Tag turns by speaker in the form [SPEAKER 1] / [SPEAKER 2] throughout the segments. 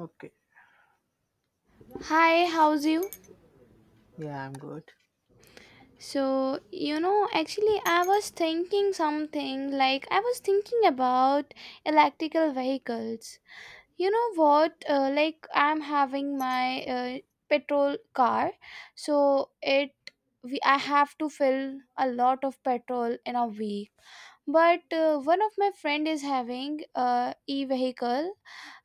[SPEAKER 1] Okay.
[SPEAKER 2] Hi, how's you?
[SPEAKER 1] Yeah, I'm good.
[SPEAKER 2] So, you know, actually, I was thinking about electrical vehicles. You know what? Like, I'm having my petrol car, so it we I have to fill a lot of petrol in a week, but one of my friend is having e-vehicle,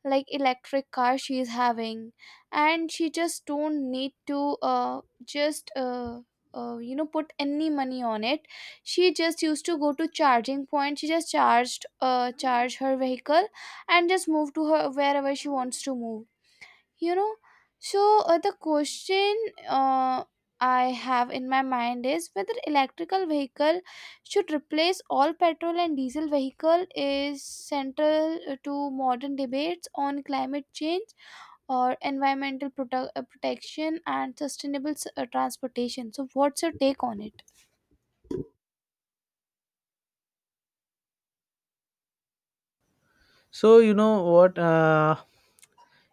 [SPEAKER 2] like electric car she is having, and she just don't need to just you know put any money on it. She just used to go to charging point, she just charge her vehicle and just move to her wherever she wants to move you know so, the question uh, I have in my mind is whether electrical vehicle should replace all petrol and diesel vehicle, is central to modern debates on climate change or environmental protection and sustainable transportation. So, what's your take on it?
[SPEAKER 1] So you know what?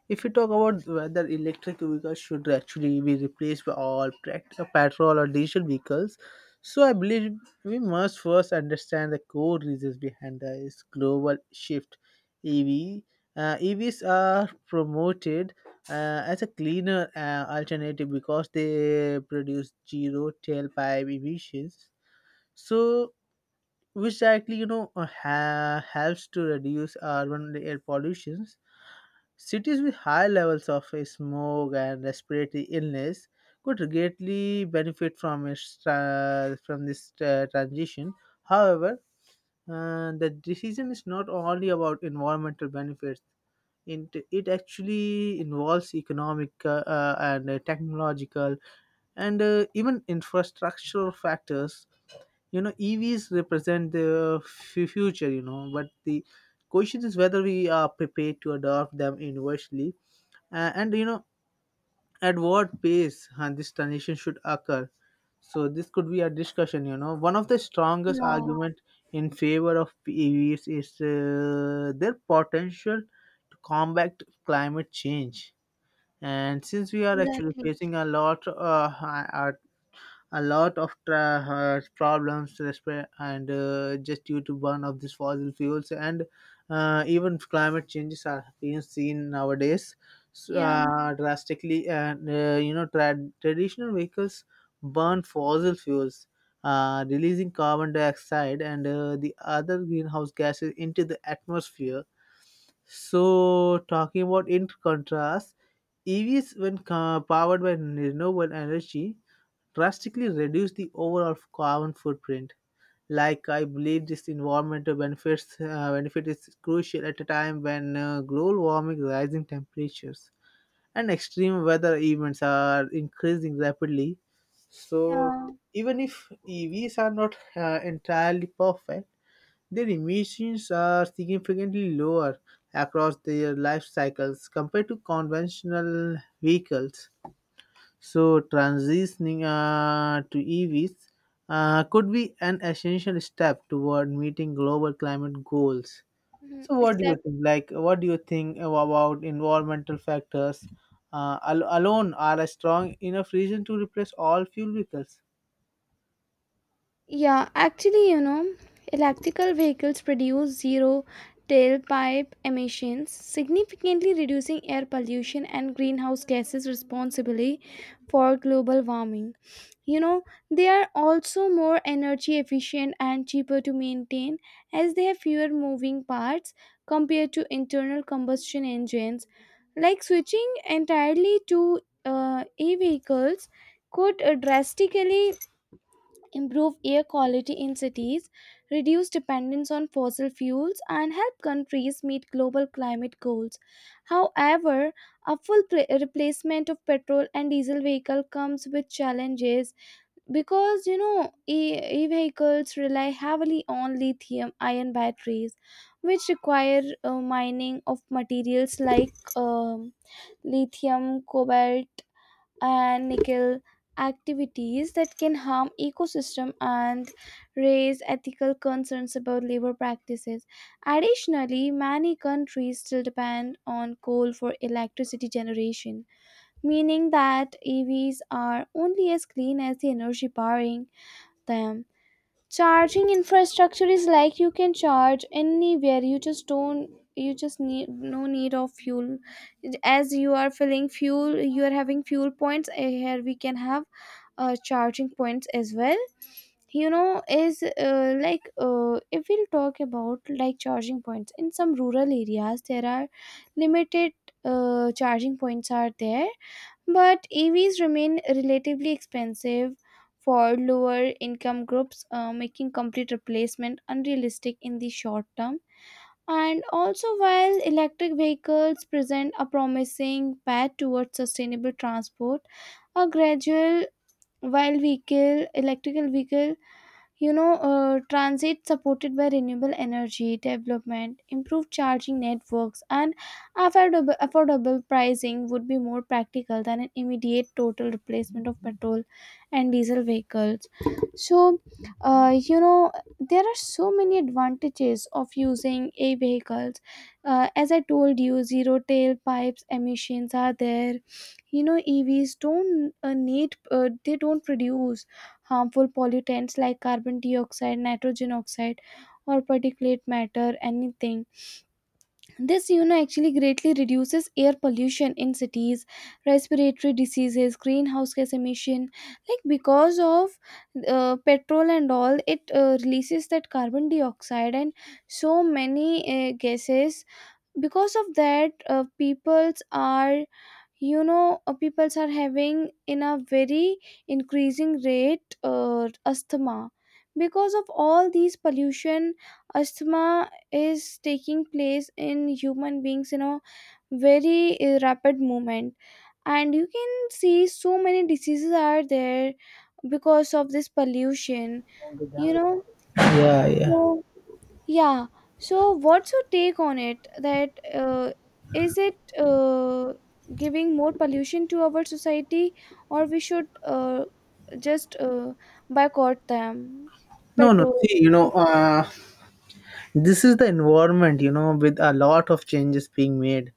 [SPEAKER 1] If you talk about whether electric vehicles should actually be replaced by all petrol or diesel vehicles, so I believe we must first understand the core reasons behind this global shift. EV uh, EVs are promoted as a cleaner alternative because they produce zero tailpipe emissions. So which directly, helps to reduce urban air pollutions. Cities with high levels of smog and respiratory illness could greatly benefit from this transition. However, the decision is not only about environmental benefits. It actually involves economic and technological and even infrastructural factors. You know, EVs represent the future, you know, but the question is whether we are prepared to adopt them universally, and you know, at what pace this transition should occur. So this could be a discussion. You know, one of the strongest
[SPEAKER 2] Yeah,
[SPEAKER 1] argument in favor of EVs is their potential to combat climate change, and since we are actually
[SPEAKER 2] exactly.
[SPEAKER 1] facing at a lot of problems resp- and just due to burn of these fossil fuels, and even climate changes are being seen nowadays so
[SPEAKER 2] Yeah,
[SPEAKER 1] drastically, and you know, traditional vehicles burn fossil fuels, releasing carbon dioxide and the other greenhouse gases into the atmosphere. So talking about, in contrast, EVs, when powered by renewable energy, drastically reduce the overall carbon footprint. Like, I believe this environmental benefits benefit is crucial at a time when global warming, rising temperatures, and extreme weather events are increasing rapidly. So
[SPEAKER 2] yeah.
[SPEAKER 1] even if EVs are not entirely perfect, their emissions are significantly lower across their life cycles compared to conventional vehicles. So transitioning to EVs could be an essential step toward meeting global climate goals.
[SPEAKER 2] Mhm,
[SPEAKER 1] So what do you
[SPEAKER 2] exactly.
[SPEAKER 1] think? Like, what do you think about environmental factors alone are a strong enough reason to replace all fuel vehicles?
[SPEAKER 2] Yeah, actually, you know, electrical vehicles produce zero tailpipe emissions, significantly reducing air pollution and greenhouse gases responsible for global warming. You know, they are also more energy efficient and cheaper to maintain as they have fewer moving parts compared to internal combustion engines. Like, switching entirely to e vehicles could drastically improve air quality in cities, reduce dependence on fossil fuels, and help countries meet global climate goals. However, a full replacement of petrol and diesel vehicle comes with challenges, because you know e-vehicles rely heavily on lithium ion batteries which require mining of materials like um, lithium, cobalt and nickel, activities that can harm ecosystem and raise ethical concerns about labor practices. Additionally, many countries still depend on coal for electricity generation, meaning that EVs are only as clean as the energy powering them. Charging infrastructure is like, you can charge anywhere, you just need, no need of fuel. As you are filling fuel, you are having fuel points, here we can have charging points as well. You know, is like, if we'll talk about like charging points in some rural areas, there are limited charging points are there, but EVs remain relatively expensive for lower income groups, making complete replacement unrealistic in the short term. And also, while electric vehicles present a promising path towards sustainable transport, a gradual, while vehicle electrical vehicle you know, transit supported by renewable energy development, improved charging networks and affordable pricing would be more practical than an immediate total replacement of petrol and diesel vehicles. So, you know, there are so many advantages of using a vehicles. As I told you, zero tailpipes emissions are there. You know, EVs don't, need they don't produce harmful pollutants like carbon dioxide, nitrogen oxide or particulate matter, anything. This, actually greatly reduces air pollution in cities, respiratory diseases, greenhouse gas emission. Like, because of petrol and all, it releases that carbon dioxide and so many gases. Because of that, peoples are, peoples are having in a very increasing rate asthma. Because of all these pollution, asthma is taking place in human beings in a very rapid movement. And you can see so many diseases are there because of this pollution, you know.
[SPEAKER 1] Yeah, yeah.
[SPEAKER 2] So, yeah. So, what's your take on it? That is it giving more pollution to our society, or we should just boycott them?
[SPEAKER 1] No, no.
[SPEAKER 2] Petrol.
[SPEAKER 1] See, you know, this is the environment, you know, with a lot of changes being made,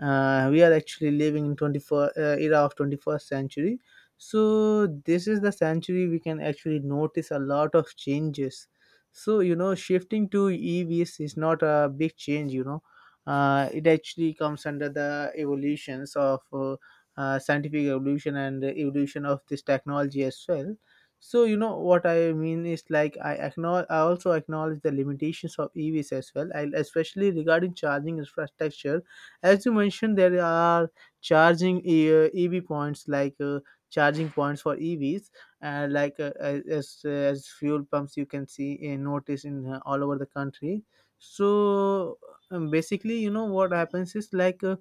[SPEAKER 1] we are actually living in 21st uh, era of 21st century. So this is the century we can actually notice a lot of changes. So you know, shifting to EVs is not a big change, you know, it actually comes under the evolutions of scientific evolution and the evolution of this technology as well. So you know what I mean is like, I acknowledge, I also acknowledge the limitations of EVs as well, I especially regarding charging infrastructure. As you mentioned, there are charging EV points, like charging points for EVs, and as fuel pumps you can see, notice in all over the country. So basically, you know what happens is like.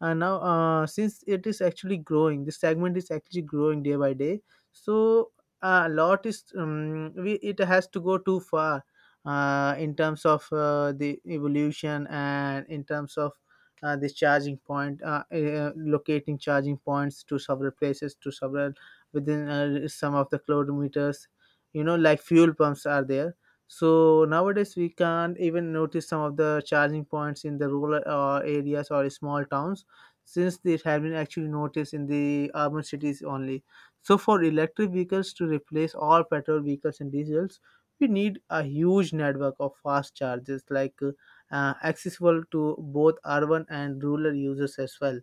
[SPEAKER 1] Now Since it is actually growing, this segment is actually growing day by day, so a lot is we, it has to go too far in terms of the evolution, and in terms of this charging point locating charging points to several places, to several within some of the kilometers, you know, like fuel pumps are there. So nowadays we can't even notice some of the charging points in the rural areas or small towns, since it has been actually noticed in the urban cities only. So for electric vehicles to replace all petrol vehicles and diesels, we need a huge network of fast chargers, like accessible to both urban and rural users as well.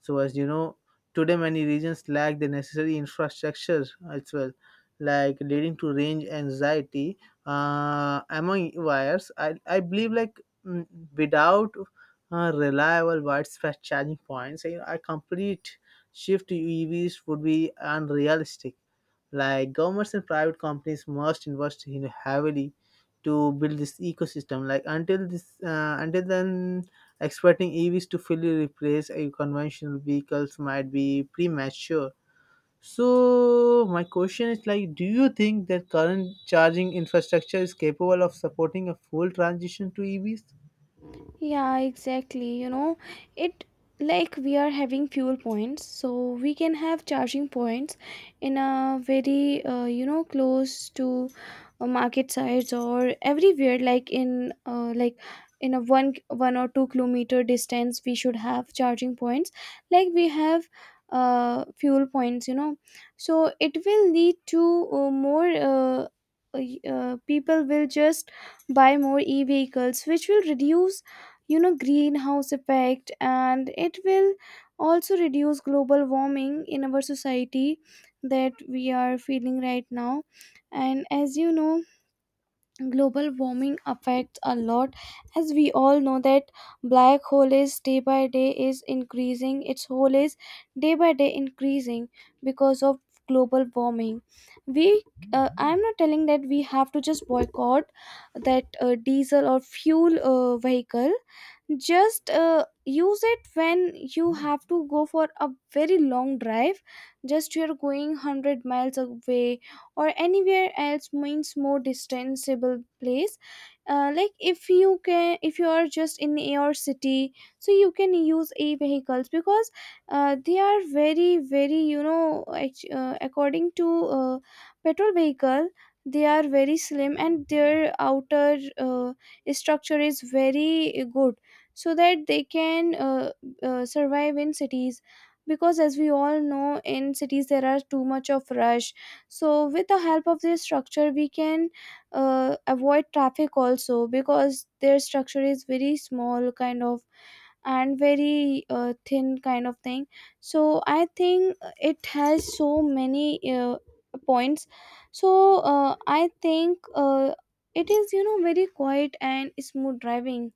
[SPEAKER 1] So as you know, today many regions lack the necessary infrastructure as well, like leading to range anxiety among wires. I believe like, without reliable widespread charging points, I complete shift to EVs would be unrealistic. Like, governments and private companies must invest in heavily to build this ecosystem. Like, until until then, expecting EVs to fully replace a conventional vehicles might be premature. So my question is like, do you think that current charging infrastructure is capable of supporting a full transition to EVs?
[SPEAKER 2] Yeah, exactly. You know, it like, we are having fuel points, so we can have charging points in a very, close to market sites or everywhere. Like, in a one or two-kilometer distance, we should have charging points. Like, we have fuel points, you know. So it will lead to people will just buy more e-vehicles, which will reduce, greenhouse effect, and it will also reduce global warming in our society that we are feeling right now. And as you know, global warming affects a lot. As we all know that black hole is day by day is increasing, its hole is day by day increasing because of global warming. We I'm not telling that we have to just boycott that diesel or fuel vehicle, just use it when you have to go for a very long drive, just you're going 100 miles away or anywhere else, means more distanceable place. Like, if you can if you are just in your city, so you can use e vehicles, because they are very very, according to petrol vehicle, they are very slim and their outer structure is very good, so that they can survive in cities. Because as we all know, in cities there are too much of rush, so with the help of this structure we can avoid traffic also, because their structure is very small kind of and very thin kind of thing. So I think it has so many points. So, I think, it is, you know, very quiet and smooth driving.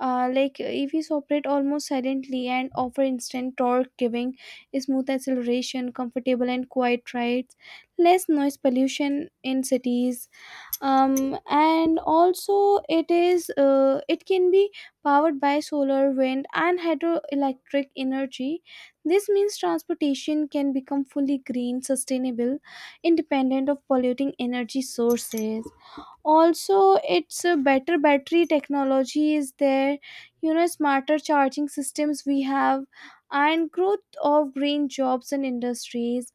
[SPEAKER 2] Like, EVs operate almost silently and offer instant torque, giving smooth acceleration, comfortable and quiet rides, less noise pollution in cities. And also, it can be powered by solar, wind, and hydroelectric energy. This means transportation can become fully green, sustainable, independent of polluting energy sources. Also, it's a better battery technology is there, you know, smarter charging systems we have, and growth of green jobs and industries.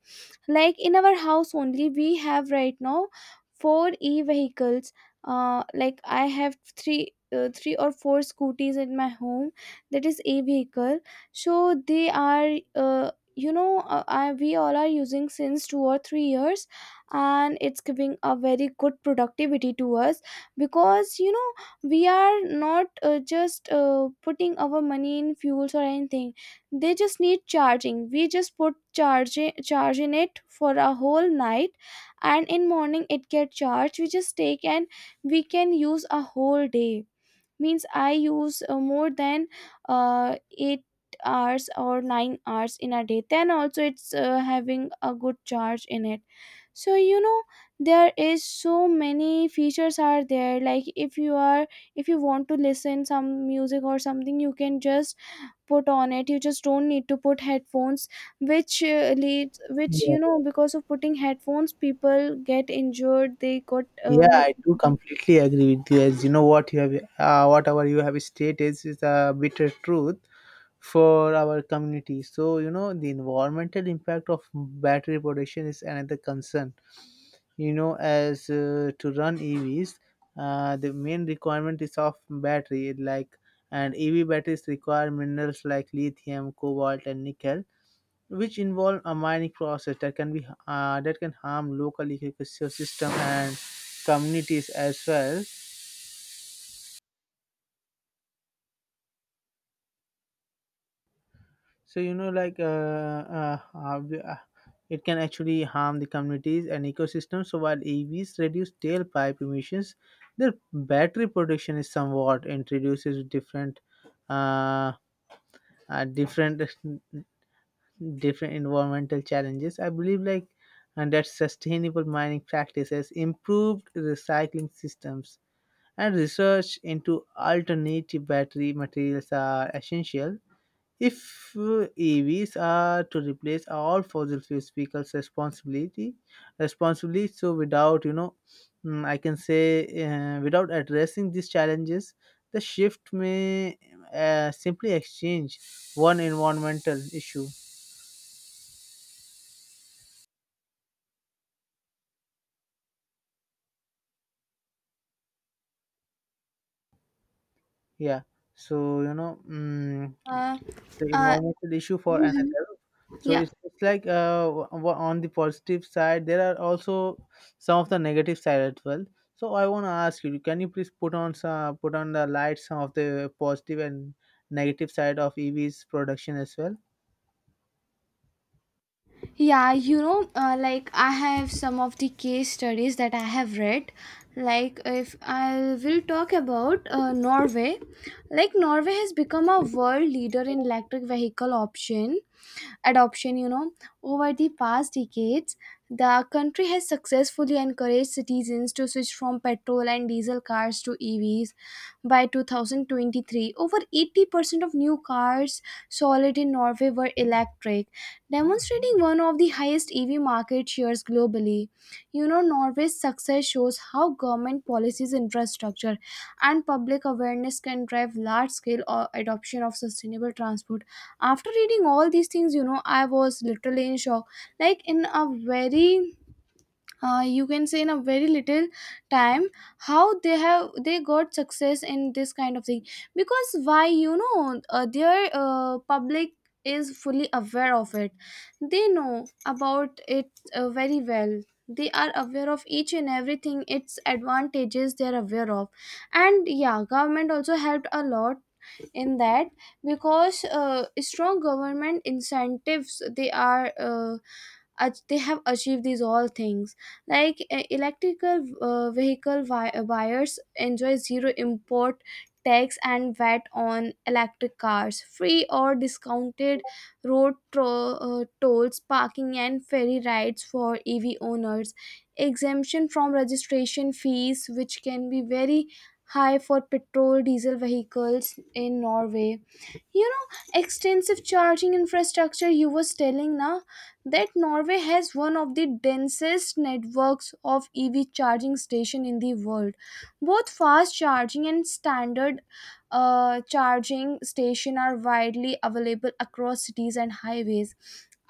[SPEAKER 2] Like, in our house only, we have right now four e vehicles. Like, I have three or four scooties in my home, that is a vehicle. So they are, I, we all are using since 2 or 3 years, and it's giving a very good productivity to us. Because you know, we are not just putting our money in fuels or anything. They just need charging, we just put charge in it for a whole night, and in morning it get charged, we just take and we can use a whole day. Means I use more than 8 hours or 9 hours in a day, then also it's having a good charge in it. So you know, there is so many features are there. Like, if you are if you want to listen some music or something, you can just put on it, you just don't need to put headphones, which leads, which you know, because of putting headphones people get injured, they got
[SPEAKER 1] Yeah, I do
[SPEAKER 2] medical.
[SPEAKER 1] completely agree with you. As you know, what you have, whatever you have stated is a bitter truth for our community. So you know, the environmental impact of battery production is another concern. You know, as to run EVs, the main requirement is of battery, like, and EV batteries require minerals like lithium, cobalt, and nickel, which involve a mining process that can be that can harm local ecosystem and communities as well. So you know, like it can actually harm the communities and ecosystems. So while EVs reduce tailpipe emissions, their battery production is somewhat introduces uh, uh, different different environmental challenges, I believe like, and that sustainable mining practices, improved recycling systems, and research into alternative battery materials are essential if EVs are to replace all fossil fuels vehicles responsibility, responsibly. So without, you know, I can say, without addressing these challenges, the shift may simply exchange one environmental issue, yeah, so you know,
[SPEAKER 2] Uh,
[SPEAKER 1] so
[SPEAKER 2] uh,
[SPEAKER 1] environmental issue for
[SPEAKER 2] Mhm.
[SPEAKER 1] another. So
[SPEAKER 2] Yeah.
[SPEAKER 1] it's like, on the positive side there are also some of the negative side as well. So I want to ask you, can you please put on some, put on the light some of the positive and negative side of EVs production as well?
[SPEAKER 2] Yeah, you know, like, I have some of the case studies that I have read. Like, if I will talk about Norway, like, Norway has become a world leader in electric vehicle option adoption. You know, over the past decades, the country has successfully encouraged citizens to switch from petrol and diesel cars to EVs. By 2023, over 80% of new cars sold in Norway were electric, demonstrating one of the highest EV market shares globally. You know, Norway's success shows how government policies, infrastructure, and public awareness can drive large scale adoption of sustainable transport. After reading all these things, you know, I was literally in shock. Like, in a very, you can say, in a very little time, how they got success in this kind of thing. Because why, their public is fully aware of it, they know about it very well. They are aware of each and everything, its advantages they are aware of. And yeah, government also helped a lot in that, because strong government incentives, they are, they have achieved these all things. Like, electrical vehicle buyers enjoy zero import tax and VAT on electric cars, free or discounted road tolls, parking and ferry rides for EV owners, exemption from registration fees which can be very high for petrol diesel vehicles in Norway. You know, extensive charging infrastructure, you was telling now that Norway has one of the densest networks of EV charging station in the world. Both fast charging and standard charging station are widely available across cities and highways.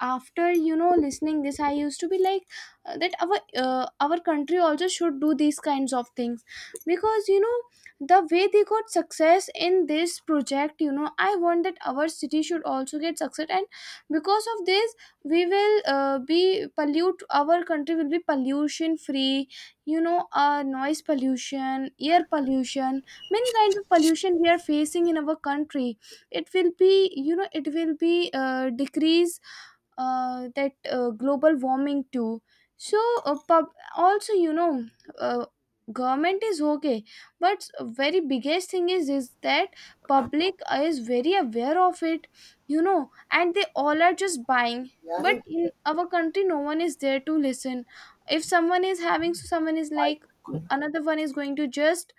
[SPEAKER 2] After, you know, listening this, I used to be like, that our country also should do these kinds of things. Because you know, the way they got success in this project, you know, I want that our city should also get success. And because of this, we will, be pollute our country will be pollution free. You know, noise pollution, air pollution, many kinds of pollution we are facing in our country, it will be, you know, it will be decrease, that global warming too. So, pub- also you know, uh, government is okay, but very biggest thing is that public is very aware of it, you know, and they all are just buying. But in our country no one is there to listen. If someone is having, so someone is like another one is going to just,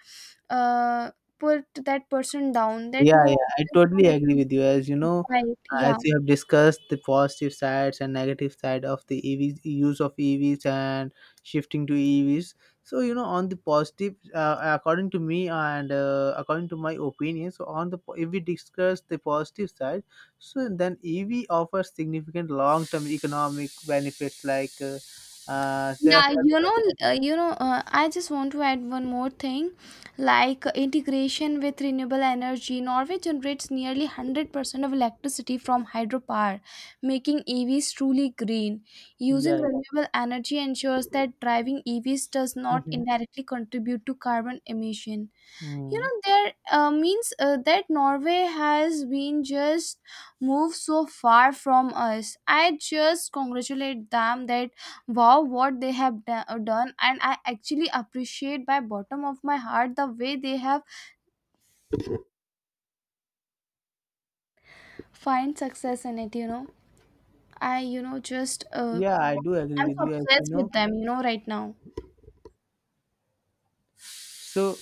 [SPEAKER 2] uh, put that person down, that
[SPEAKER 1] Yeah,
[SPEAKER 2] no,
[SPEAKER 1] yeah, I
[SPEAKER 2] there's no
[SPEAKER 1] totally
[SPEAKER 2] need
[SPEAKER 1] agree
[SPEAKER 2] to
[SPEAKER 1] with you. As you know,
[SPEAKER 2] buy it.
[SPEAKER 1] as
[SPEAKER 2] Yeah.
[SPEAKER 1] you have discussed the positive sides and negative side of the EVs, use of EVs and shifting to EVs. So you know, on the positive, according to me, and according to my opinion, so on the if we discuss the positive side, so then EV offers significant long-term economic benefits like there are
[SPEAKER 2] Yeah,
[SPEAKER 1] certain,
[SPEAKER 2] you know, I just want to add one more thing, like, integration with renewable energy. Norway generates nearly 100% of electricity from hydropower, making EVs truly green. Using
[SPEAKER 1] yeah, yeah.
[SPEAKER 2] renewable energy ensures that driving EVs does not
[SPEAKER 1] Mhm.
[SPEAKER 2] indirectly contribute to carbon emission. You
[SPEAKER 1] Mm.
[SPEAKER 2] know, there, means that Norway has been just moved so far from us. I just congratulate them, that wow, what they have done, and I actually appreciate by bottom of my heart the way they have find success in it. You know, i you know just uh,
[SPEAKER 1] Yeah, I do agree
[SPEAKER 2] I'm
[SPEAKER 1] with
[SPEAKER 2] so
[SPEAKER 1] you. As you
[SPEAKER 2] obsessed
[SPEAKER 1] know,
[SPEAKER 2] with them, you know, right now.
[SPEAKER 1] so.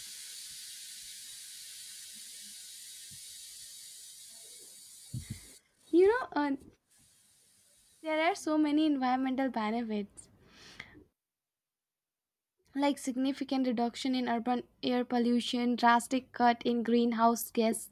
[SPEAKER 2] You know, there are so many environmental benefits, like significant reduction in urban air pollution, drastic cut in greenhouse gas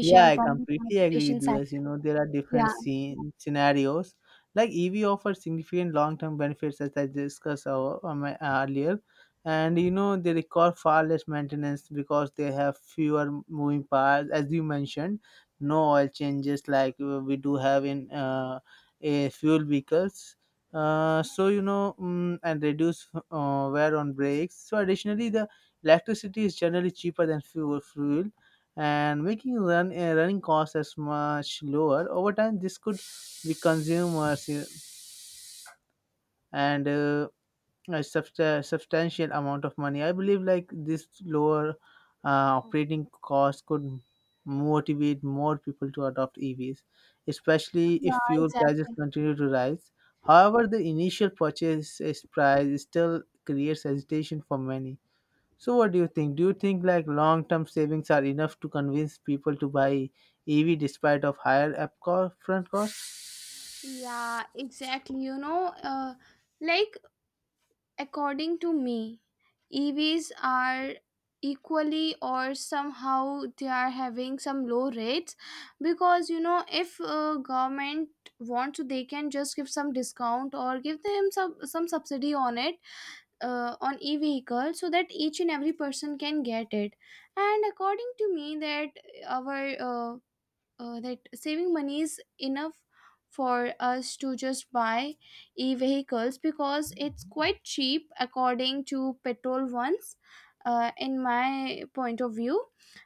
[SPEAKER 1] Yeah, I
[SPEAKER 2] from the
[SPEAKER 1] completely agree
[SPEAKER 2] transportation
[SPEAKER 1] with you.
[SPEAKER 2] sector.
[SPEAKER 1] As you know, there are different
[SPEAKER 2] Yeah,
[SPEAKER 1] scenarios. Like, EV offers significant long-term benefits, as I discussed earlier, and you know, they require far less maintenance because they have fewer moving parts, as you mentioned. No oil changes like we do have in a fuel vehicles. So you know, and reduce wear on brakes. So additionally, the electricity is generally cheaper than fuel, and making running costs as much lower over time. This could be consumers and a substantial amount of money. I believe like, this lower operating cost could motivate more people to adopt EVs, especially if
[SPEAKER 2] yeah,
[SPEAKER 1] fuel prices
[SPEAKER 2] exactly.
[SPEAKER 1] continue to rise. However, the initial purchase is price still creates hesitation for many. So what do you think? Do you think like long-term savings are enough to convince people to buy EV despite of higher upfront cost?
[SPEAKER 2] Yeah, exactly. You know, like, according to me, EVs are equally or somehow they are having some low rates, because you know if government want to, they can just give some discount or give them some subsidy on it, on e-vehicle, so that each and every person can get it. And according to me that our that saving money is enough for us to just buy e-vehicles, because it's quite cheap according to petrol ones, in my point of view.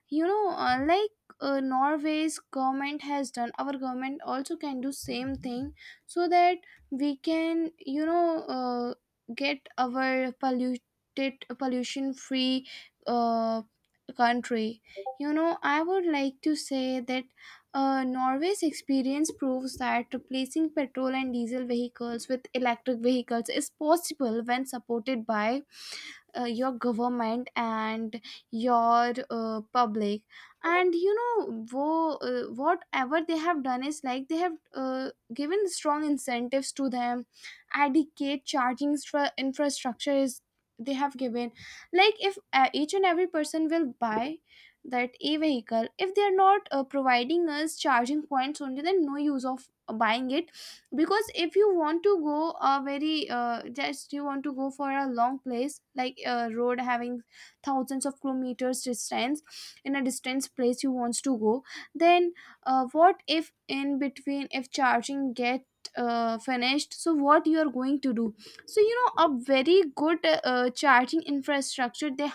[SPEAKER 2] You know, like, Norway's government has done, our government also can do same thing, so that we can, you know, get our polluted pollution free uh, country. You know, I would like to say that, Norway's experience proves that replacing petrol and diesel vehicles with electric vehicles is possible when supported by your government and your public. And you know, whatever they have done is like, they have given strong incentives to them, adequate charging infrastructure is, they have given. Like, if each and every person will buy that e vehicle, if they are not providing us charging points, only then no use of buying it. Because if you want to go a very, just you want to go for a long place, like a road having thousands of kilometers distance, in a distance place you wants to go, then what if in between if charging get finished, so what you are going to do. So you know, a very good, charging infrastructure they